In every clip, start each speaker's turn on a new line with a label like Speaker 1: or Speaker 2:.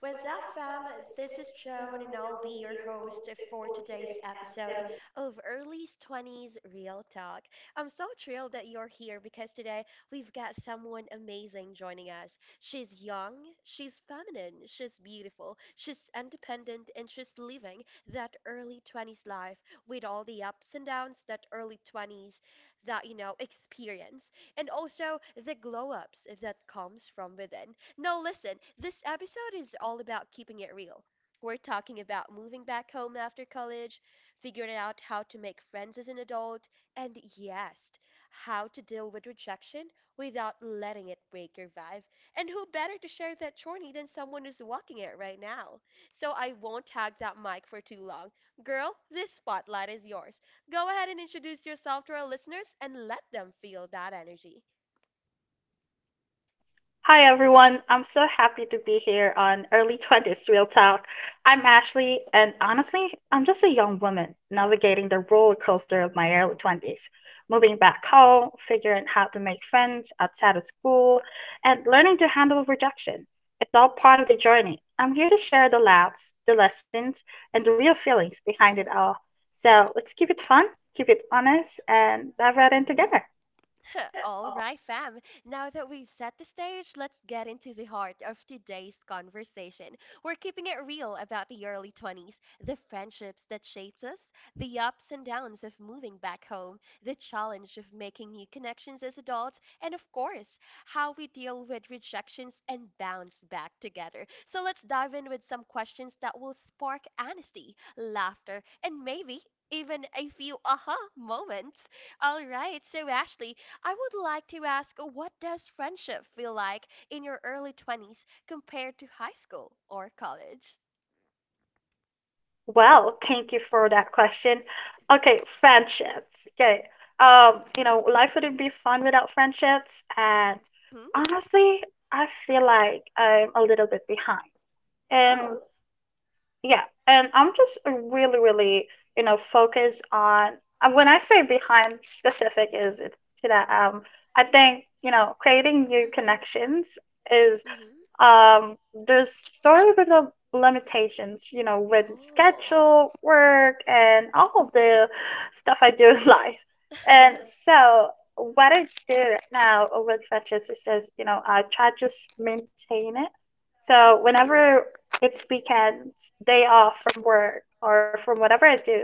Speaker 1: What's up, fam? This is Joan, and I'll be your host for today's episode of Early 20s Real Talk. I'm so thrilled that you're here because today we've got someone amazing joining us. She's young, she's feminine, she's beautiful, she's independent, and she's living that early 20s life with all the ups and downs that early 20s that experience, and also the glow ups that comes from within. No, listen, this episode is all about keeping it real. We're talking about moving back home after college, figuring out how to make friends as an adult, and yes, how to deal with rejection without letting it break your vibe. And who better to share that journey than someone who's walking it right now? So I won't hog that mic for too long. Girl, this spotlight is yours. Go ahead and introduce yourself to our listeners and let them feel that energy.
Speaker 2: Hi everyone, I'm so happy to be here on Early 20s Real Talk. I'm Ashley, and honestly, I'm just a young woman navigating the roller coaster of my early 20s, moving back home, figuring how to make friends outside of school, and learning to handle rejection. It's all part of the journey. I'm here to share the laughs, the lessons, and the real feelings behind it all. So let's keep it fun, keep it honest, and dive right in together.
Speaker 1: All right, fam. Now that we've set the stage, let's get into the heart of today's conversation. We're keeping it real about the early 20s, the friendships that shaped us, the ups and downs of moving back home, the challenge of making new connections as adults, and of course, how we deal with rejections and bounce back together. So let's dive in with some questions that will spark honesty, laughter, and maybe even a few aha moments. All right, so Ashley, I would like to ask, what does friendship feel like in your early 20s compared to high school or college?
Speaker 2: Well, thank you for that question. Okay, friendships. Okay. Life wouldn't be fun without friendships. And
Speaker 1: Hmm?
Speaker 2: honestly, I feel like I'm a little bit behind. And
Speaker 1: Oh.
Speaker 2: yeah, and I'm just really, really, focused on when I say behind specific is it to that I think, creating new
Speaker 1: Mhm.
Speaker 2: connections is
Speaker 1: Mhm.
Speaker 2: um, there's sort of the limitations, with
Speaker 1: Oh.
Speaker 2: schedule, work, and all of
Speaker 1: Mhm.
Speaker 2: the stuff I do in life. And so, what I do right now with Fetches is just, I try to just maintain it. So,
Speaker 1: Mm.
Speaker 2: whenever it's weekends, day off from work or from whatever I do,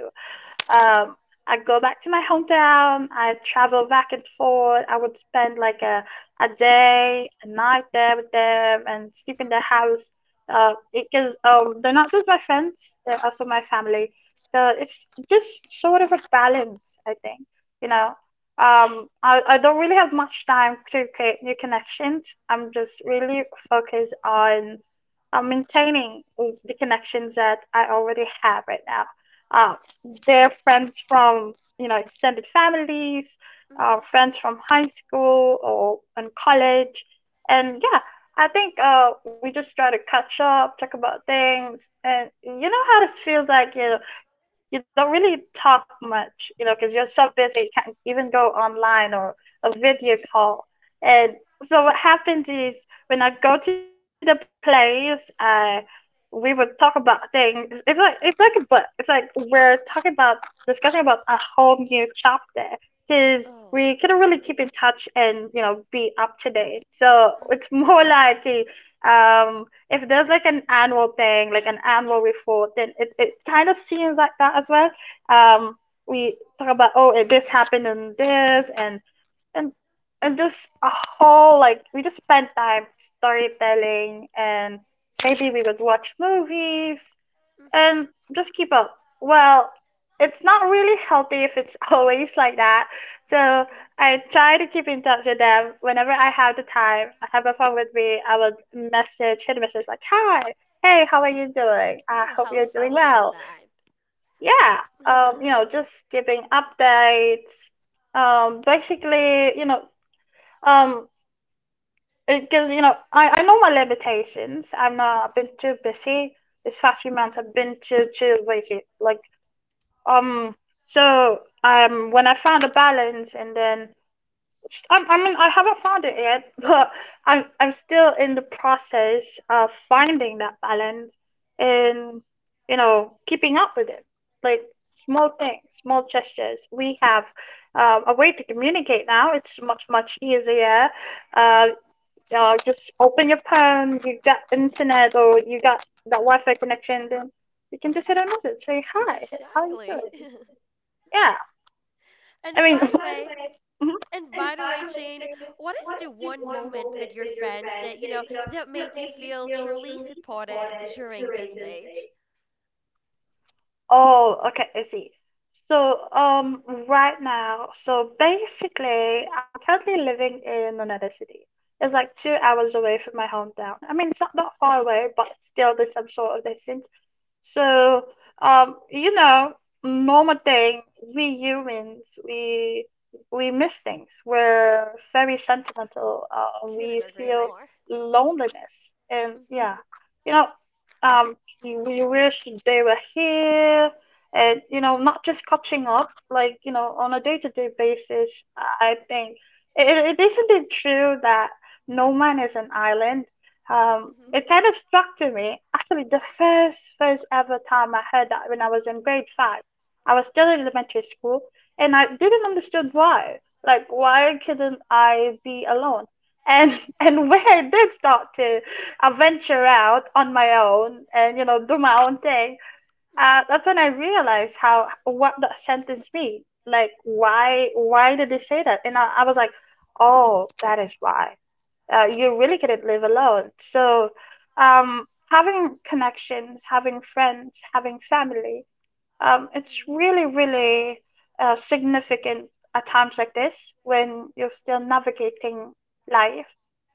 Speaker 2: um, I go back to my hometown. I travel back and forth. I would spend like a day, a night there with them, and sleep in
Speaker 1: Mhm.
Speaker 2: their house. Because they're not just my friends; they're also my family. So it's just sort of a balance, I think. You know, I don't really have much time to create new connections. I'm just really focused on maintaining the connections that I already have right now. Uh, their friends from, extended families,
Speaker 1: Mhm.
Speaker 2: friends from high school or and college. And yeah, I think we just try to catch up, talk about things. And you know how this feels like, you don't really talk much, because you're so busy, you can't even go online or a video call. And so what happens is when I go to the place, I we would talk about things. It's like a book. It's like we're talking about discussing about a whole new chapter because we couldn't
Speaker 1: Oh.
Speaker 2: really keep in touch and you know be up to date. So it's
Speaker 1: Mhm.
Speaker 2: more like if there's like an annual thing, like an annual report, then it kind of seems like that as well. Um, we talk about this happened and and just a whole like we just spent time storytelling and maybe we would watch movies
Speaker 1: Mhm.
Speaker 2: and just keep up. Well, it's not really healthy if it's always like that. So
Speaker 1: Mhm.
Speaker 2: I try to keep in touch with them whenever I have the time. I have a phone with me. I would message, hit a message like, "Hi, hey, how are you doing? I
Speaker 1: Oh,
Speaker 2: hope
Speaker 1: how
Speaker 2: you're doing
Speaker 1: sweet is
Speaker 2: well."
Speaker 1: that?
Speaker 2: Yeah, you know, just giving updates. Um, basically, you know, um, because you know, I know my limitations. I'm not. I've been too busy. These past few months, I've
Speaker 1: Mhm.
Speaker 2: been too lazy. Like um, so when I found a balance, and then I mean, I haven't found it yet, but I'm still in the process of finding that balance and you know keeping up with it, like small things, small gestures. We have a way to communicate now. It's much easier. Uh, just open your phone. You got internet or you got that Wi-Fi connection. Then you can just hit a message. Say hi. How are you
Speaker 1: Exactly.
Speaker 2: doing? Yeah. I
Speaker 1: And
Speaker 2: mean.
Speaker 1: by the way,
Speaker 2: Mhm.
Speaker 1: And by the way, Shane, what is the one moment with your friends that, that made you feel truly supported during this stage?
Speaker 2: Oh, okay. I see. So right now, so basically, I'm currently living in another city. It's like 2 hours away from my hometown. I mean, it's not that far away, but still, there's some sort of distance. So, um, you know, normal thing, we humans, we miss things. We're very sentimental. We
Speaker 1: Couldn't agree
Speaker 2: feel
Speaker 1: more.
Speaker 2: loneliness, and
Speaker 1: Mm-hmm.
Speaker 2: yeah, you know, um, we wish they were here, and you know, not just catching up. Like you know, on a day-to-day basis, I think it, it isn't it true that no man is an island,
Speaker 1: Mm-hmm.
Speaker 2: it kind of struck to me. Actually, the first ever time I heard that when I was in grade 5, I was still in elementary school, and I didn't understand why. Like, why couldn't I be alone? And and when I did start to venture out on my own and you know do my own thing, that's when I realized how what that sentence means. Like, why did they say that? And I was like, oh, that is why you really couldn't live alone. So, having connections, having friends, having family, it's really, really significant at times like this when you're still navigating life.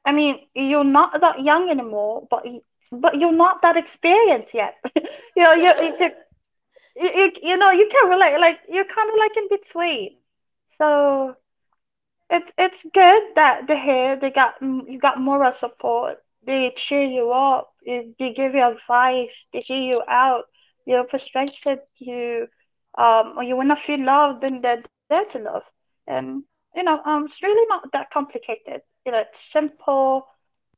Speaker 2: I mean, you're not that young anymore, but you're not that experienced yet. you know,
Speaker 1: Mm-hmm.
Speaker 2: can, you know you can relate like you're kind of like in between. So it's good that they got you got moral support. They cheer you up. They give you advice. They hear you out. You're frustrated. You or you wanna feel loved, then they're there to love. And it's really not that complicated. You know it's simple.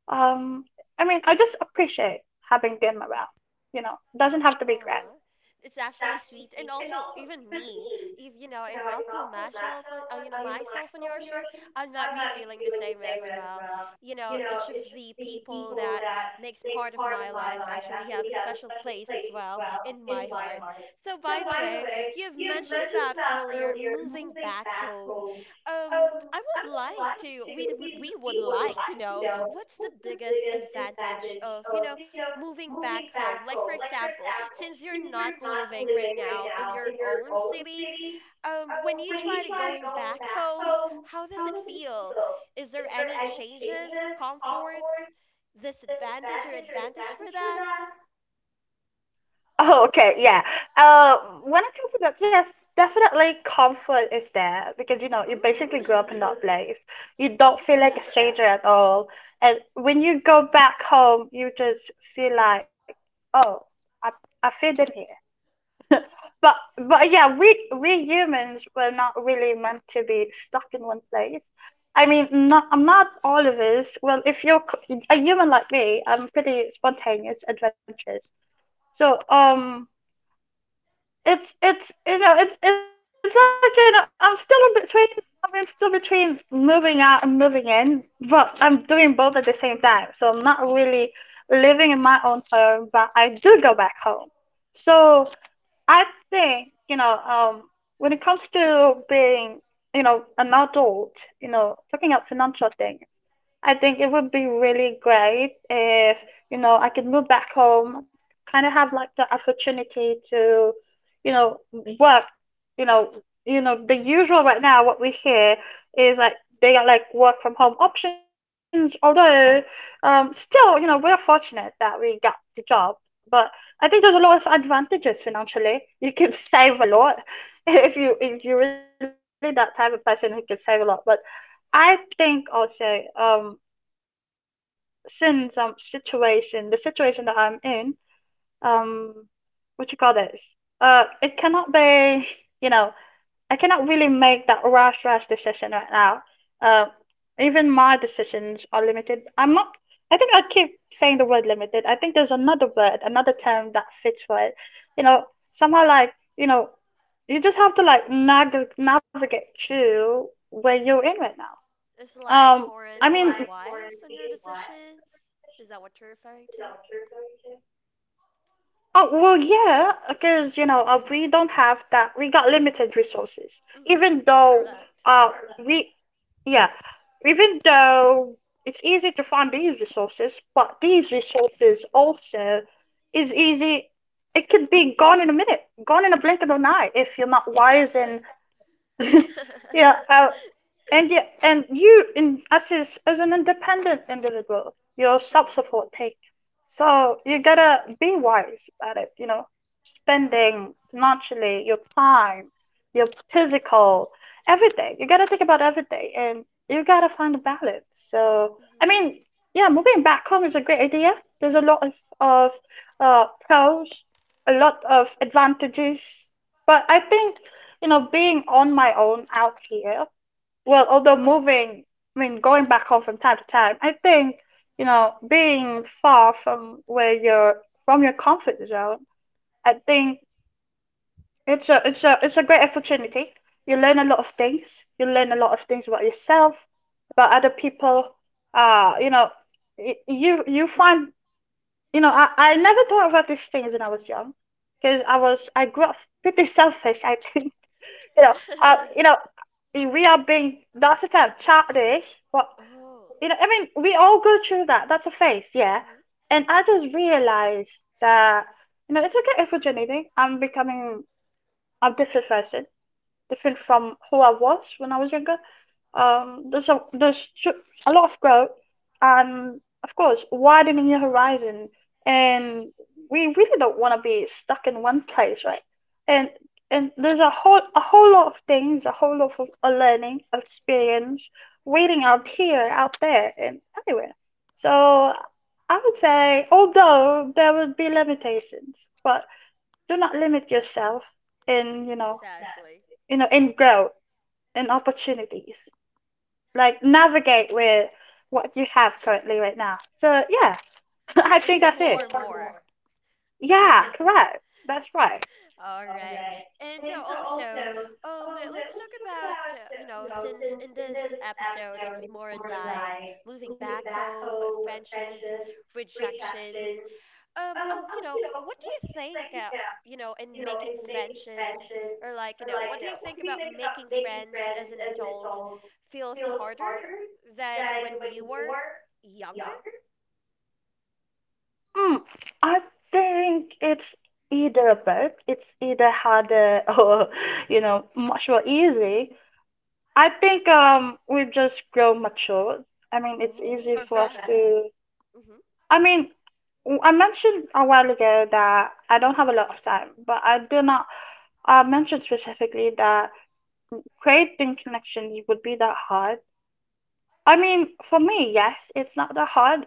Speaker 2: Um I mean I just appreciate having them around. You know doesn't have to be grand.
Speaker 1: Uh, it's actually sweet, and also even me, if you know, if I'll put myself on, myself in your shoe, I might be feeling the same as well. You know, each of the people that makes part of my life actually have a special place as well in my heart. So, by the way, you have mentioned about earlier moving back home. I would like to, we would like to know what's the biggest advantage of, moving back home, like, for example, since you're not living right now in your own city. When you try to going back home, how does it feel? Is there any changes, comforts, disadvantage or advantage for that?
Speaker 2: Oh, okay, yeah. Uh, when it comes to that, yes, definitely comfort is there because you know you
Speaker 1: Oh.
Speaker 2: basically grew up in that place. You don't
Speaker 1: Hmm.
Speaker 2: feel like a
Speaker 1: Correct.
Speaker 2: stranger at all, and when you go back home, you just feel like, oh, I I fit in here. But but yeah, we humans were not really meant to be stuck in one place. I mean, not I'm not all of us. Well, if you're a human like me, I'm pretty spontaneous, adventurous. So it's you know it's like you know, I'm still in between. I'm still between moving out and moving in, but I'm doing both at
Speaker 1: Hmm.
Speaker 2: the same time. So I'm not really living in my own home, but I do go back home. So I think, when it comes to being, you know, an adult, you know, talking about financial things, I think it would be really great if, you know, I could move back home, kind of have like the opportunity to, you know, work, you know, you know, the usual right now, what we hear is like they got like work from home options, although still, you know, we're fortunate that we got the job. But I think there's a lot of advantages financially. You can save a lot if you if you're really that type of person who can save a lot. But I think also since situation the situation that I'm in um what you call this it cannot be you know I cannot really make that rush decision right now. Uh, even my decisions
Speaker 1: Hmm.
Speaker 2: are limited. I'm not. I think I keep saying the word limited. I think there's another word, another term that fits for it. You know, somehow like you know, you just have to like navigate through where you're in
Speaker 1: Hmm.
Speaker 2: right now.
Speaker 1: It's like
Speaker 2: Um,
Speaker 1: more in
Speaker 2: I mean,
Speaker 1: being wise on your decisions. Is that what you're referring to?
Speaker 2: oh, well, yeah, because, you know, we don't have that. We got limited resources.
Speaker 1: Hmm.
Speaker 2: Even though
Speaker 1: Correct.
Speaker 2: uh, we yeah, even though it's easy to find these resources, but these resources also is easy. It could be gone in a minute, gone in a blink of an eye if you're not wise
Speaker 1: Exactly.
Speaker 2: and yeah, and you, as an independent individual, you're
Speaker 1: Hmm.
Speaker 2: self-supporting. So you gotta be wise about it. You know, spending financially, your time, your physical, everything. You gotta think about everything, and you gotta find a balance. So I
Speaker 1: Hmm.
Speaker 2: mean, yeah, moving back home is a great idea. There's a lot of pros, a lot of advantages, but I think you know being on my own out here well, although moving, I mean, going back home from time to time, I think, you know, being far from where you're from your comfort zone, I think it's a great opportunity. You learn a lot of things. You learn a lot of things about yourself, about other people. You know, you you find, I never thought about these things when I was young, because I grew up pretty selfish, I think. You know, you know, we are being lots of time childish, but
Speaker 1: Oh.
Speaker 2: you know, I mean, we all go through that. That's a phase, yeah.
Speaker 1: Mhm.
Speaker 2: And I just realized that, you know, it's okay if we're anything. I'm becoming a different person, different from who I was when I was younger. There's a lot of growth, and of course, widening your horizon. And we really don't want to be stuck in one place, right? And and there's a whole lot of things, a whole lot of learning, experience, waiting
Speaker 1: Mhm.
Speaker 2: out there, and anywhere. So I would say, although there would be limitations, but do not limit yourself in,
Speaker 1: Exactly.
Speaker 2: in growth and opportunities, like navigate with what you have currently right now. So yeah, I think that's it.
Speaker 1: Explore more.
Speaker 2: Yeah, correct. That's right.
Speaker 1: All right. And also, let's talk about, since in this episode it's more like moving back home, friendships, rejections. Oh, what do you think, in making friendships, or like, what do you think about making friends as an adult feels harder than when you were younger?
Speaker 2: Mm, I think it's either both. It's either harder, or you know, much more
Speaker 1: Mm-hmm.
Speaker 2: easy. I think we've just grown mature. I mean, it's
Speaker 1: Oh,
Speaker 2: easy for us to.
Speaker 1: correct. Mm-hmm.
Speaker 2: I mean, I mentioned a while ago that I don't have a lot of time, but I do not. I mentioned specifically that creating connections would be that hard. I mean, for me, yes, it's not that hard.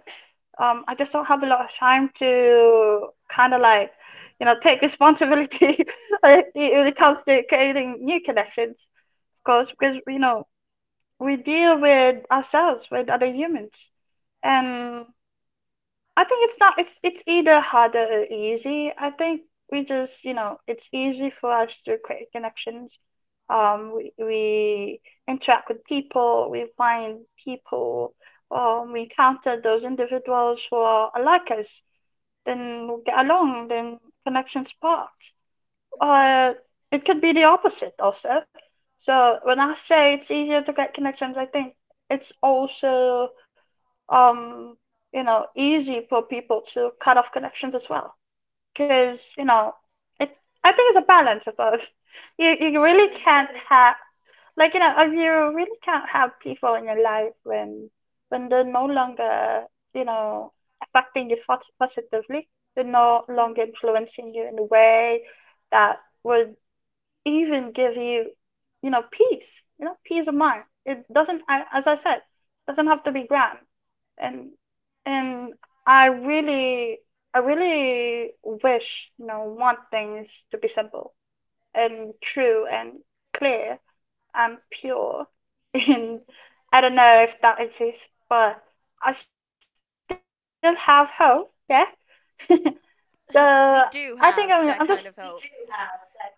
Speaker 2: I just don't have a lot of time to kind of like, you know, take responsibility when
Speaker 1: Mm-hmm.
Speaker 2: it comes to creating new connections, of course, because, you know, we deal with ourselves, with other humans. And I think it's not it's it's either harder or easy. I think we just, you know, it's easy for us to create connections. We interact with people, we find people, we encounter those individuals who are like us, then we get along, then connections sparks.
Speaker 1: Mm-hmm.
Speaker 2: Uh, it could be the opposite also. So when I say it's easier to get connections, I think it's also, um, you know, easy for people to cut off connections as well. Because, you know, it, I think it's a balance of both. You really can't have, like, you know, you really can't have people in your life when they're no longer, you know, affecting you positively. They're
Speaker 1: Mm-hmm.
Speaker 2: no longer influencing you in a way that would even give you, you know, peace, you know, peace of mind. It doesn't, as I said, doesn't have to be grand. And and I really, I really wish, you know, want things to be simple and true and clear and pure. And
Speaker 1: Mm-hmm.
Speaker 2: I don't know if that exists, but I still have hope. Yeah. So I think
Speaker 1: We do
Speaker 2: I'm just
Speaker 1: have that kind of hope.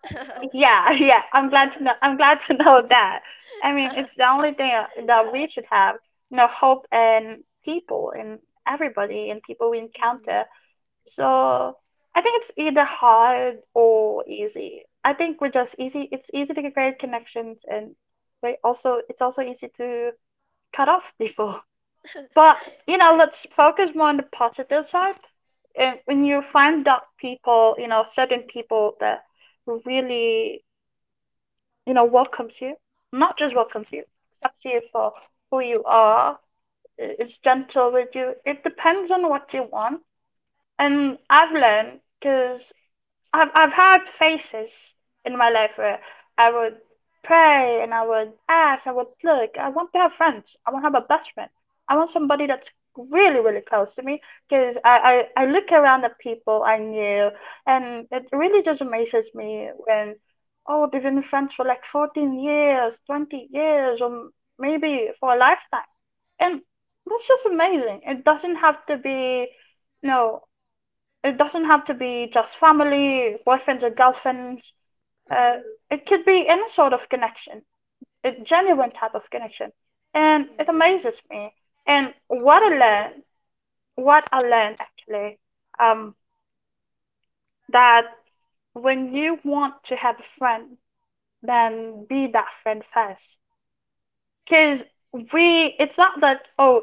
Speaker 2: yeah. Yeah, I'm glad to know, I'm glad to know that. I mean it's the only thing that we should have, you know, hope in people, in everybody, in people we
Speaker 1: Mm-hmm.
Speaker 2: encounter. So I think it's either hard or easy. I think we're just easy. It's easy to create connections, and we also, it's also easy to cut off people. But you know, let's focus more on the positive side, and when
Speaker 1: Mm-hmm.
Speaker 2: you find that people, you know, certain people that really, you know, welcomes you, not just welcomes you, accepts you for who you are, is gentle with you. It depends on what you want. And I've learned because I've had faces in my life where I would pray and I would ask, I would look. I want to have friends. I want to have a best friend. I want somebody that's really really close to me, because I look around at people I knew, and it really just amazes me when, oh, they've been friends for like 14 years, 20 years, or maybe for a lifetime. And that's just amazing. It doesn't have to be, no, it doesn't have to be just family, boyfriends or girlfriends. Uh,
Speaker 1: Mm-hmm.
Speaker 2: it could be any sort of connection, a genuine type of connection. And it
Speaker 1: Yeah.
Speaker 2: amazes me. And what I learned actually, um, that when you want to have a friend, then be that friend first. Because we, it's not that, oh,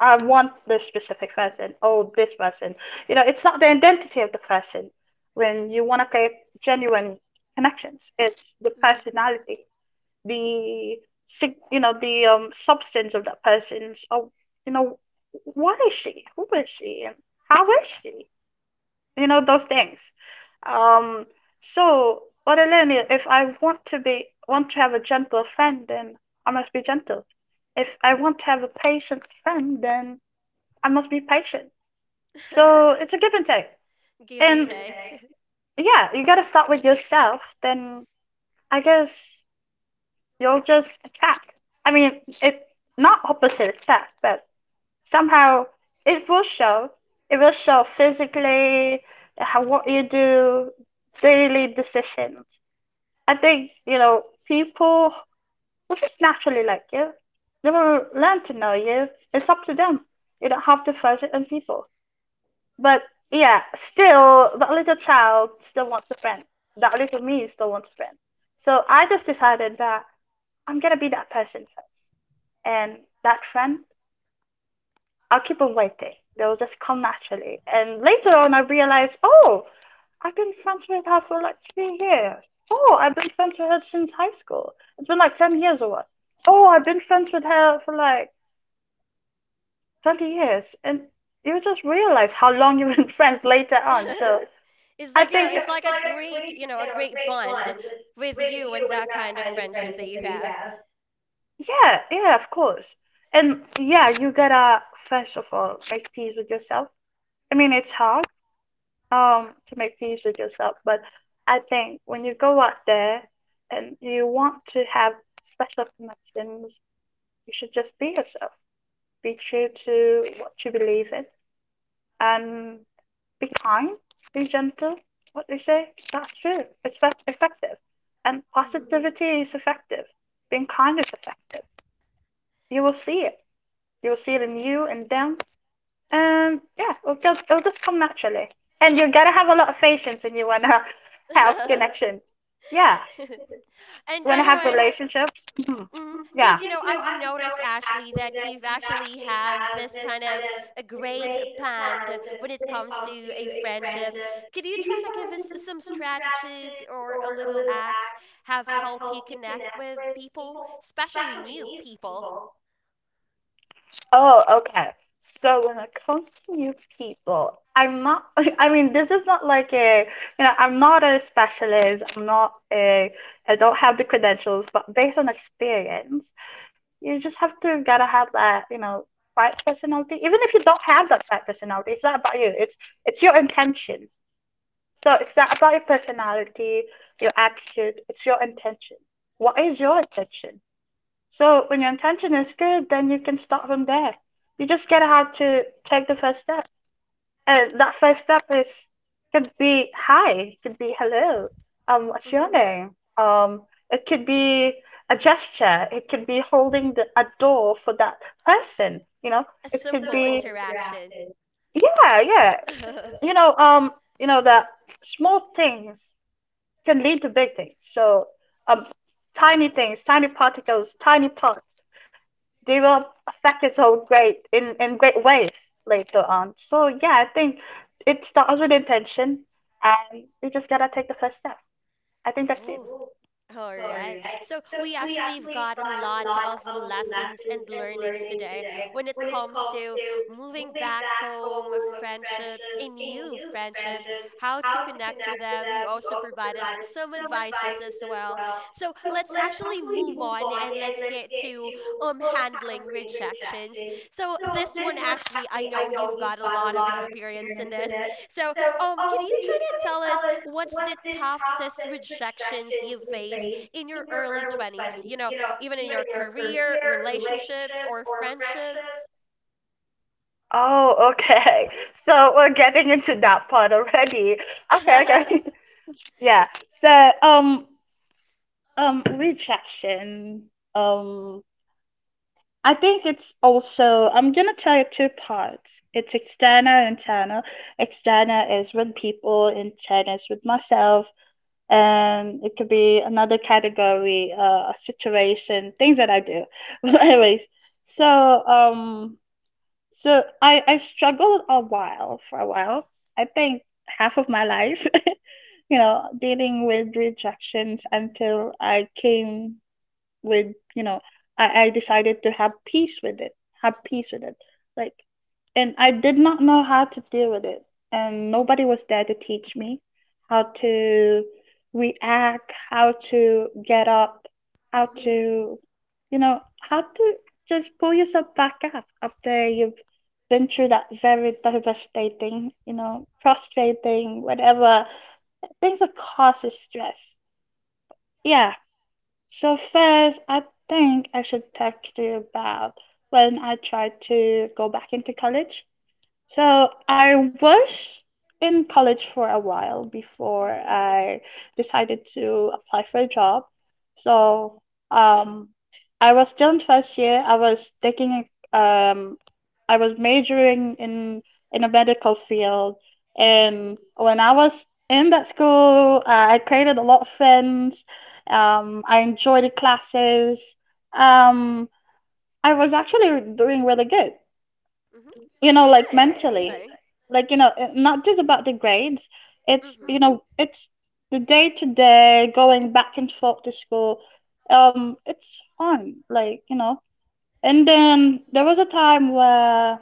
Speaker 2: I want this specific person, oh, this person. You know, it's not the identity of the person when you want to create genuine connections. It's the personality, the, you know, the substance of that person's, oh, you know, what is she? Who is she? And how is she? You know, those things, um, so what I learned is, if I want to have a gentle friend, then I must be gentle. If I want to have a patient friend, then I must be patient.
Speaker 1: Mm-hmm.
Speaker 2: So it's a give and take.
Speaker 1: Give and
Speaker 2: And
Speaker 1: take.
Speaker 2: yeah, you got to start with yourself, then I guess you'll just attract. I mean, it, not opposite attract, but somehow it will show. It will show physically how what you do, daily decisions. I think, you know, people will just naturally like you. They will learn to know you. It's up to them. You don't have to force it on people. But yeah, still that little child still wants a friend. That little me still wants a friend. So I just decided that I'm gonna be that person first, and that friend, I'll keep on waiting. They'll just come naturally. And later on, I realized, oh, I've been friends with her for like 3 years. Oh, I've been friends with her since high school. It's been like 10 years or what. Oh, I've been friends with her for like 20 years. And you just realize how long you've been friends later on. So
Speaker 1: it's
Speaker 2: I
Speaker 1: like you know
Speaker 2: think,
Speaker 1: it's like a great bond with you and that kind of friendship that you have.
Speaker 2: yeah, yeah, of course. And yeah, you gotta, first of all, make peace with yourself. I mean, it's hard, to make peace with yourself. But I think when you go out there and you want to have special connections, you should just be yourself, be true to what you believe in, and be kind, be gentle. What they say, that's true. It's effective, and
Speaker 1: Hmm.
Speaker 2: positivity is effective, being kind is effective. You will see it, you will see it in you and them. Yeah, it'll just come naturally, and you gotta have a lot of patience when you wanna have connections. Yeah,
Speaker 1: And
Speaker 2: you wanna
Speaker 1: by the
Speaker 2: have
Speaker 1: way,
Speaker 2: relationships. Yeah.
Speaker 1: because I've noticed, Ashley, that you've actually have this kind of a great bond when it comes to a friendship, could you try to give us some strategies or a little acts have help you connect with people, especially new people?
Speaker 2: Oh, okay. So when it comes to new people, I'm not, I mean, this is not like a, you know, I'm not a specialist. I'm not a, I don't have the credentials, but based on experience, you just have to gotta have that, you know, right personality. Even if you don't have that right personality, it's not about you. It's your intention. So it's not about your personality, your attitude. It's your intention. What is your intention? So when your intention is good, then you can start from there. You just gotta have to take the first step, and that first step is, could be hi, could be hello, what's your
Speaker 1: Hmm.
Speaker 2: name? Um, it could be a gesture, it could be holding the, a door for that person. You know,
Speaker 1: A
Speaker 2: it could
Speaker 1: simple
Speaker 2: be,
Speaker 1: interaction.
Speaker 2: yeah, yeah. You know, um, you know that small things can lead to big things. So, um, tiny things, tiny particles, tiny parts, they will affect his whole grade in great ways later on. So yeah, I think it starts with intention, and you just gotta take the first step. I think that's it.
Speaker 1: Oh. All right. So we actually have got a lot of lessons and learnings today when it comes to moving back home, friendships, and new friendships, how to connect with them. You also provide us some advices as well. So let's actually move on and let's get to handling rejections. So this one, Ashley, I know you've got a lot of experience in this. So can you try to tell us what's the toughest rejections you've faced in your early 20s? You know, even in your career, relationship, or friendships?
Speaker 2: Oh, okay. So we're getting into that part already. Okay, okay. Yeah. So rejection. Um, I think it's also, I'm gonna tell you two parts. It's external and internal. External is with people, internal is with myself. And it could be another category, a situation, things that I do. But anyways, so, um, so I struggled a while for a while. I think half of my life, you know, dealing with rejections until I came with, you know, I decided to have peace with it, have peace with it like, and I did not know how to deal with it, and nobody was there to teach me how to react, how to get up, how
Speaker 1: Mhm,
Speaker 2: to, you know, how to just pull yourself back up after you've been through that very devastating, you know, frustrating, whatever, things that causes stress. Yeah. So first, I think I should talk to you about when I tried to go back into college. So I was in college for a while before
Speaker 1: mhm,
Speaker 2: I decided to apply for a job. So, um, I was still in first year. I was taking a, I was majoring in a medical field,
Speaker 1: mhm,
Speaker 2: and when I was in that school, I created a lot of friends. I enjoyed the classes. Um, I was actually doing really good,
Speaker 1: mhm.
Speaker 2: you
Speaker 1: That's
Speaker 2: know, like
Speaker 1: good.
Speaker 2: mentally,
Speaker 1: Amazing.
Speaker 2: like, you know, not just about the grades, it's, you
Speaker 1: Mhm,
Speaker 2: know, it's the day to day going back and forth to school, um, it's fun, like, you know. And then there was a time where,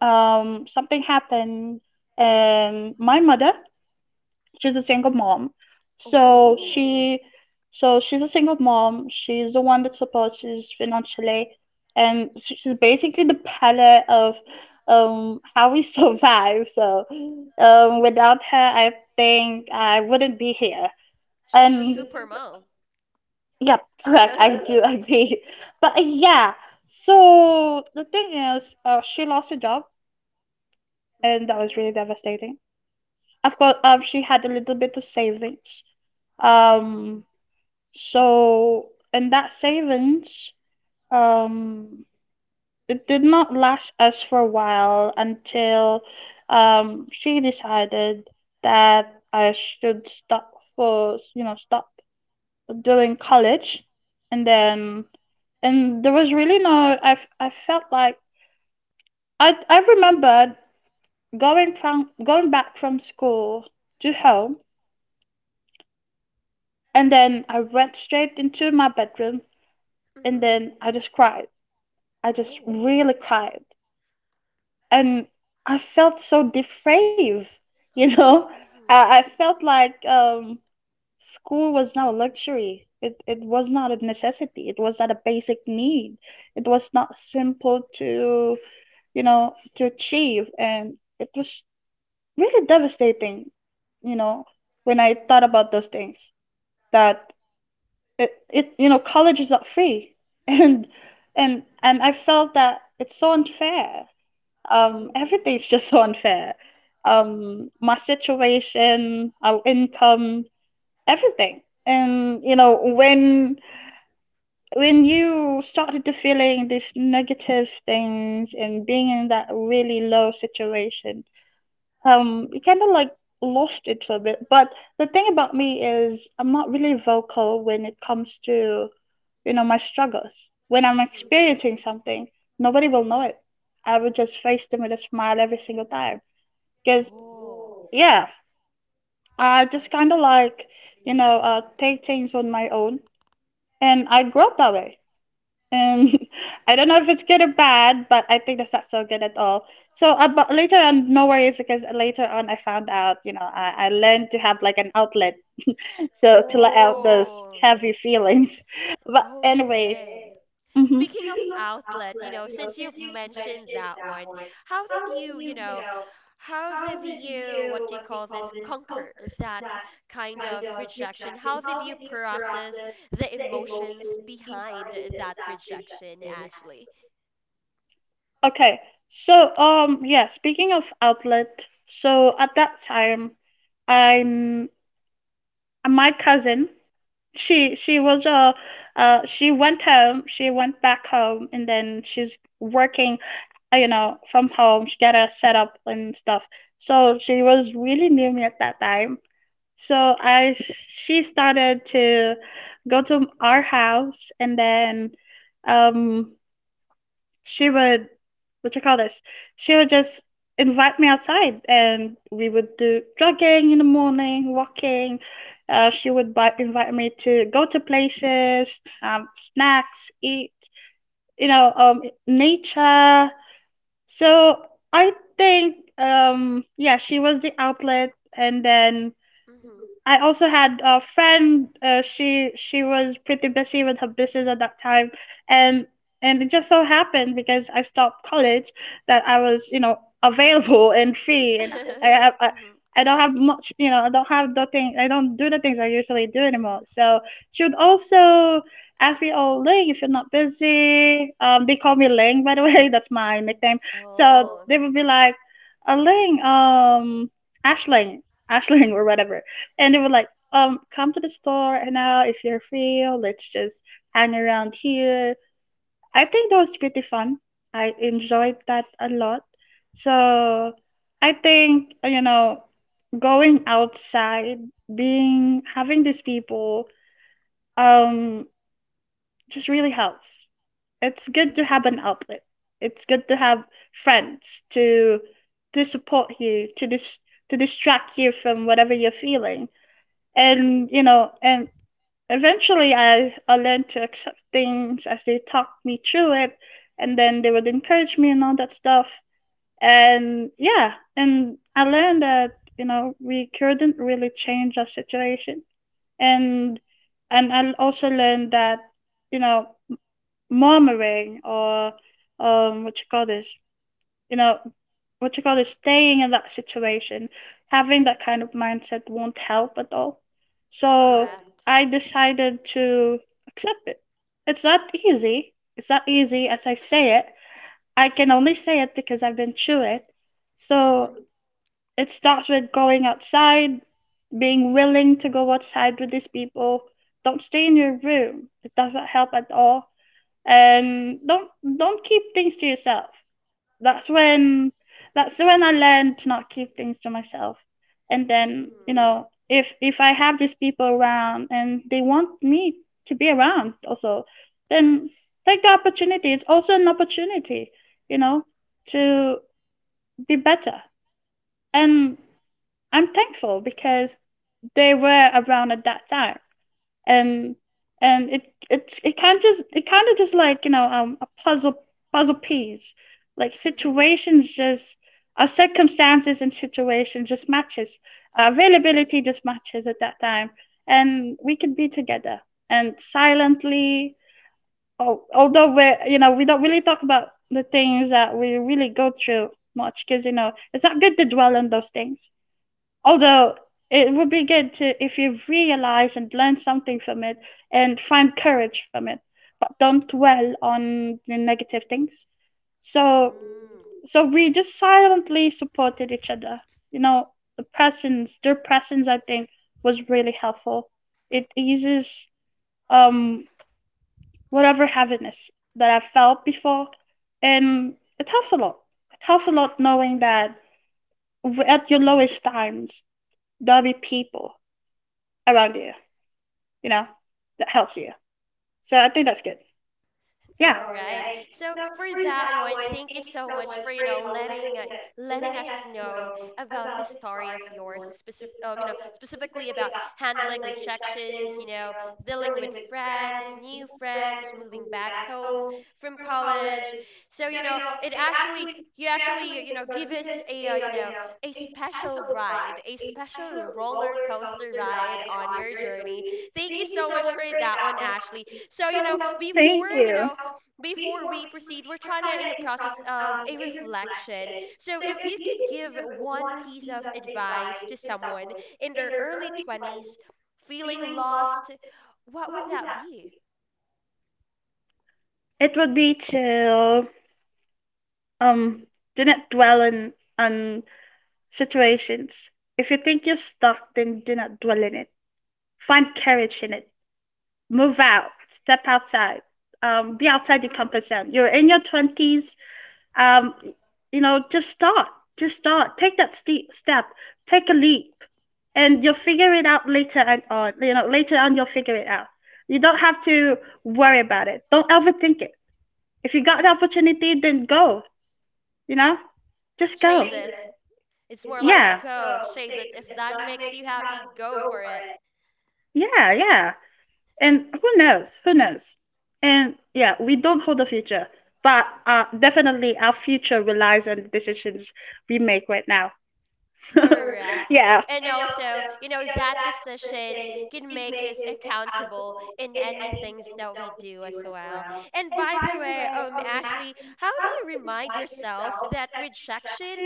Speaker 2: um, something happened, and my mother, she's a
Speaker 1: mhm.
Speaker 2: single mom. So
Speaker 1: Oh,
Speaker 2: she, so she's a single mom. She's the one that supports us financially, and she's basically the pillar of how we survive. So without her, I think I wouldn't be
Speaker 1: sh-
Speaker 2: here.
Speaker 1: she's a
Speaker 2: And
Speaker 1: super mom.
Speaker 2: yep, correct. I do agree. But yeah, so the thing is, she lost her job, and that was
Speaker 1: Oh.
Speaker 2: really devastating. Of course, she had a little bit of savings. Um,
Speaker 1: Mhm,
Speaker 2: So, and that savings, um, it did not last us for a while until she decided that I should stop for, stop doing college. And then, and there was really no, I felt like I remembered going back from school to home. And then I went straight into my bedroom
Speaker 1: mhm.
Speaker 2: and then I just cried. I just
Speaker 1: Oh,
Speaker 2: really cried and I felt so depraved, you know.
Speaker 1: mhm,
Speaker 2: I felt like school was not a luxury. It was not a necessity. It was not a basic need. It was not simple to to achieve, and it was really devastating, you know, when I thought about those things. That it you know college is not free, and and I felt that it's so unfair.
Speaker 1: mhm,
Speaker 2: Everything's just so unfair. My situation, our income, everything. And you know, when you started to feeling these negative things and being in that really low situation, you kind of like lost it for a bit. But the thing about me is, I'm not really vocal when it comes to my struggles. When I'm
Speaker 1: mhm.
Speaker 2: experiencing something, nobody will know it. I would just face them with a smile every single time because
Speaker 1: Oh,
Speaker 2: yeah, I just kind of like take things on my own, and I grew up that way. And I don't know if it's good or bad, but I think that's not so good at all. So, but later on, no worries, because later on I found out, I learned to have like an outlet, so to let out those
Speaker 1: oh.
Speaker 2: heavy feelings. But anyways,
Speaker 1: Okay.
Speaker 2: mm-hmm.
Speaker 1: Speaking of outlet, since you've mentioned that one, how did you, you know, how did you, what do you call this, conquer that kind of rejection? How did you process the emotions behind that rejection, Ashley?
Speaker 2: Okay. So, yeah, speaking of outlet, so at that time, I'm my cousin. She was she went home she went back home and then she's working, you know, from home. She got a setup and stuff, so she was really near me at that time. So I She started to go to our house and then um she would. What you call this? She would just invite me outside, and we would do jogging in the morning, walking. She would invite me to go to places, um, snacks, eat, you know, nature. So I think, yeah, she was the outlet. And then
Speaker 1: Mm-hmm.
Speaker 2: I also had a friend. She was pretty busy with her business at that time, and it just so happened, because I stopped college, that I was you know available and free, and I
Speaker 1: Mm-hmm.
Speaker 2: I don't have much, you know. I don't have the thing. I don't do the things I usually do anymore. So she would also ask me, "Oh, Ling, if you're not busy, they call me Ling, by the way. That's my nickname. So
Speaker 1: Oh.
Speaker 2: they would be like, Ling, Ashling, Ashling, or whatever. And they were like, come to the store and now, if you're free, let's just hang around here. I think that was pretty fun. I enjoyed that a lot. So I think, you know, going outside, being having these people, um, just really helps. It's good to
Speaker 1: Mm-hmm.
Speaker 2: have an outlet. It's good to have friends to support you, to dis to distract you from whatever you're feeling
Speaker 1: Mm-hmm.
Speaker 2: and you know. And eventually, I learned to accept things as they talked me through it, and then they would encourage me and all that stuff. And yeah, and I learned that you know we couldn't really change our situation, and I also learned that you know murmuring or um what you call this you know, what you call it, staying in that situation, having that kind of mindset won't help at all. So
Speaker 1: Correct.
Speaker 2: I decided to accept it. It's not easy. It's not easy as I say it. I can only say it because I've been through it. So
Speaker 1: Mm-hmm.
Speaker 2: it starts with going outside, being willing to go outside with these people. Don't stay in your room. It doesn't help at all. Don't keep things to yourself. That's when that's when I learned to not keep things to myself. And then you
Speaker 1: Mm-hmm.
Speaker 2: know, if I have these people around and they want me to be around also, then take the opportunity. It's also an opportunity, you know, to be better. And I'm thankful because they were around at that time, and and it it's it kind of just like, you know, a puzzle piece, like
Speaker 1: Mm-hmm.
Speaker 2: situations just, our circumstances and situation just matches, our availability just matches at that time, and we could be together and silently. Although we're, you know, we don't really talk about the things that we really go through much because you know it's not good to dwell on those things. Although it would be good to, if you realize and learn something from it and find courage from it, but don't dwell on the negative things. So,
Speaker 1: Mm.
Speaker 2: so we just silently supported each other. You know, the their presence, I think, was really helpful. It eases um whatever heaviness that I felt before, and it helps a lot. It helps a lot knowing that at your lowest times there'll be people around you, you know, that helps you. So I think that's good. Yeah.
Speaker 1: All right. So for that one, thank you so much for letting us know about this story of yours, specifically about handling rejections, dealing with friends, new friends, moving back home from college. So, you actually give us a, you know, a special ride, a special roller coaster ride on your journey. Thank you so much for that one, Ashley. So, you know, before,
Speaker 2: Thank
Speaker 1: you
Speaker 2: you.
Speaker 1: know, before we proceed, we're trying to in the process of a reflection. So, if you could give one piece of advice to someone in their early 20s feeling lost, what would that be?
Speaker 2: It would be to um do not dwell in on situations. If you think you're stuck, then do not dwell in it. Find courage in it. Move out. Step outside. Be outside your
Speaker 1: Hmm.
Speaker 2: comfort zone. You're in your twenties. um, you know, just start. Just start. Take that step. Take a leap, and you'll figure it out later and on. You know, later on you'll figure it out. You don't have to worry about it. Don't overthink it. If you got the
Speaker 1: Hmm.
Speaker 2: opportunity, then go. You know, just go.
Speaker 1: Chase it. It's more like
Speaker 2: Yeah.
Speaker 1: go, chase it. If that makes you happy, go for it.
Speaker 2: Yeah, yeah. And who knows? Who knows? And yeah, we don't hold the future, but definitely our future relies on the decisions we make right now.
Speaker 1: Correct.
Speaker 2: Yeah.
Speaker 1: And also, that decision can make us accountable in any things that we do as well. And by the way, Ashley, how do you remind yourself that rejection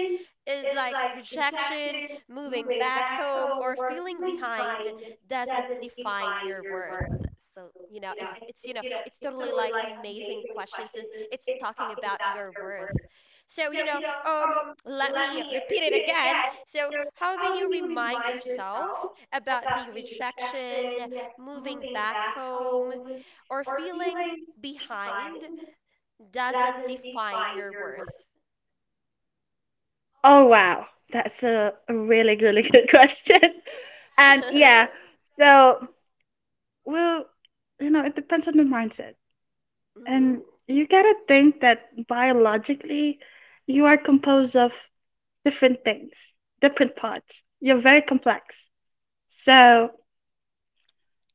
Speaker 1: is like rejection, moving back home, or feeling behind doesn't define your worth? So, it's totally, like, amazing question since it's talking about your worth. So, let me repeat it again. How do you remind yourself about the rejection, moving back home, or feeling behind doesn't define your worth?
Speaker 2: Oh wow, that's a really really good question. And yeah, so well, you know, it depends on the mindset, and
Speaker 1: Mm.
Speaker 2: you gotta think that biologically, you are composed of different things, different parts. You're very complex, so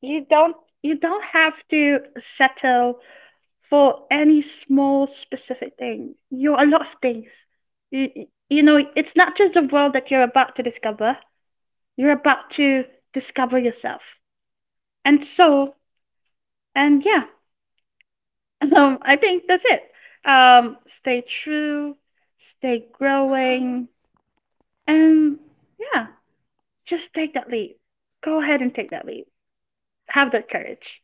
Speaker 2: you don't have to settle for any small specific thing. You're a lot of things. You, you know, it's not just the world that you're about to discover, you're about to discover yourself. And so, and yeah, I think that's it. Stay true, stay
Speaker 1: Mhm.
Speaker 2: growing, and yeah, just take that leap. Go ahead and take that leap. Have that courage.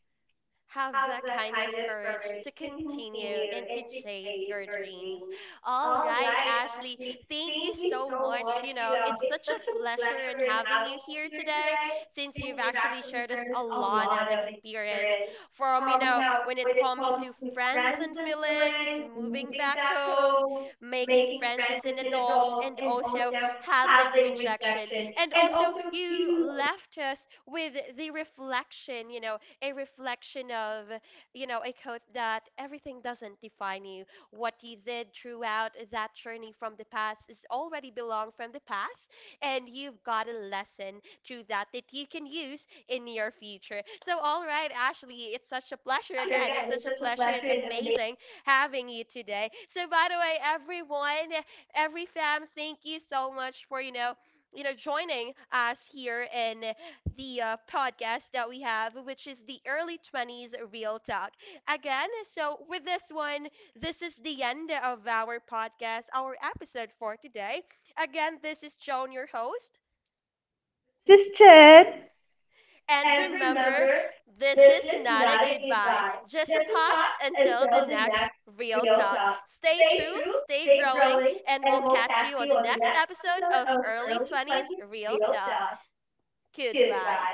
Speaker 1: Have that kind of courage to continue and to chase your dreams. All right, Ashley, thank you so much. You know, it's such a pleasure in having you here today since you've actually shared us a lot of experience from, when it comes to friends and feelings, moving back home, making friends as an adult, and also handling rejection. And also, you left us with the reflection, a reflection of, a quote that everything doesn't define you. What you did throughout that journey from the past is already belong from the past, and you've got a lesson through that that you can use in your future. So, all right, Ashley, it's such a pleasure again. It's such a pleasure and amazing having you today. So, by the way, everyone, every fam, thank you so much for, joining us here in the podcast that we have, which is the Early 20s Real Talk. Again, so with this one, this is the end of our podcast, our episode for today. Again, this is Joan, your host.
Speaker 2: This is Chen.
Speaker 1: And remember, this is not a goodbye, just a pause until the next real talk. Stay true, stay growing, and we'll catch you on the next episode of Early 20s Real Talk. Goodbye.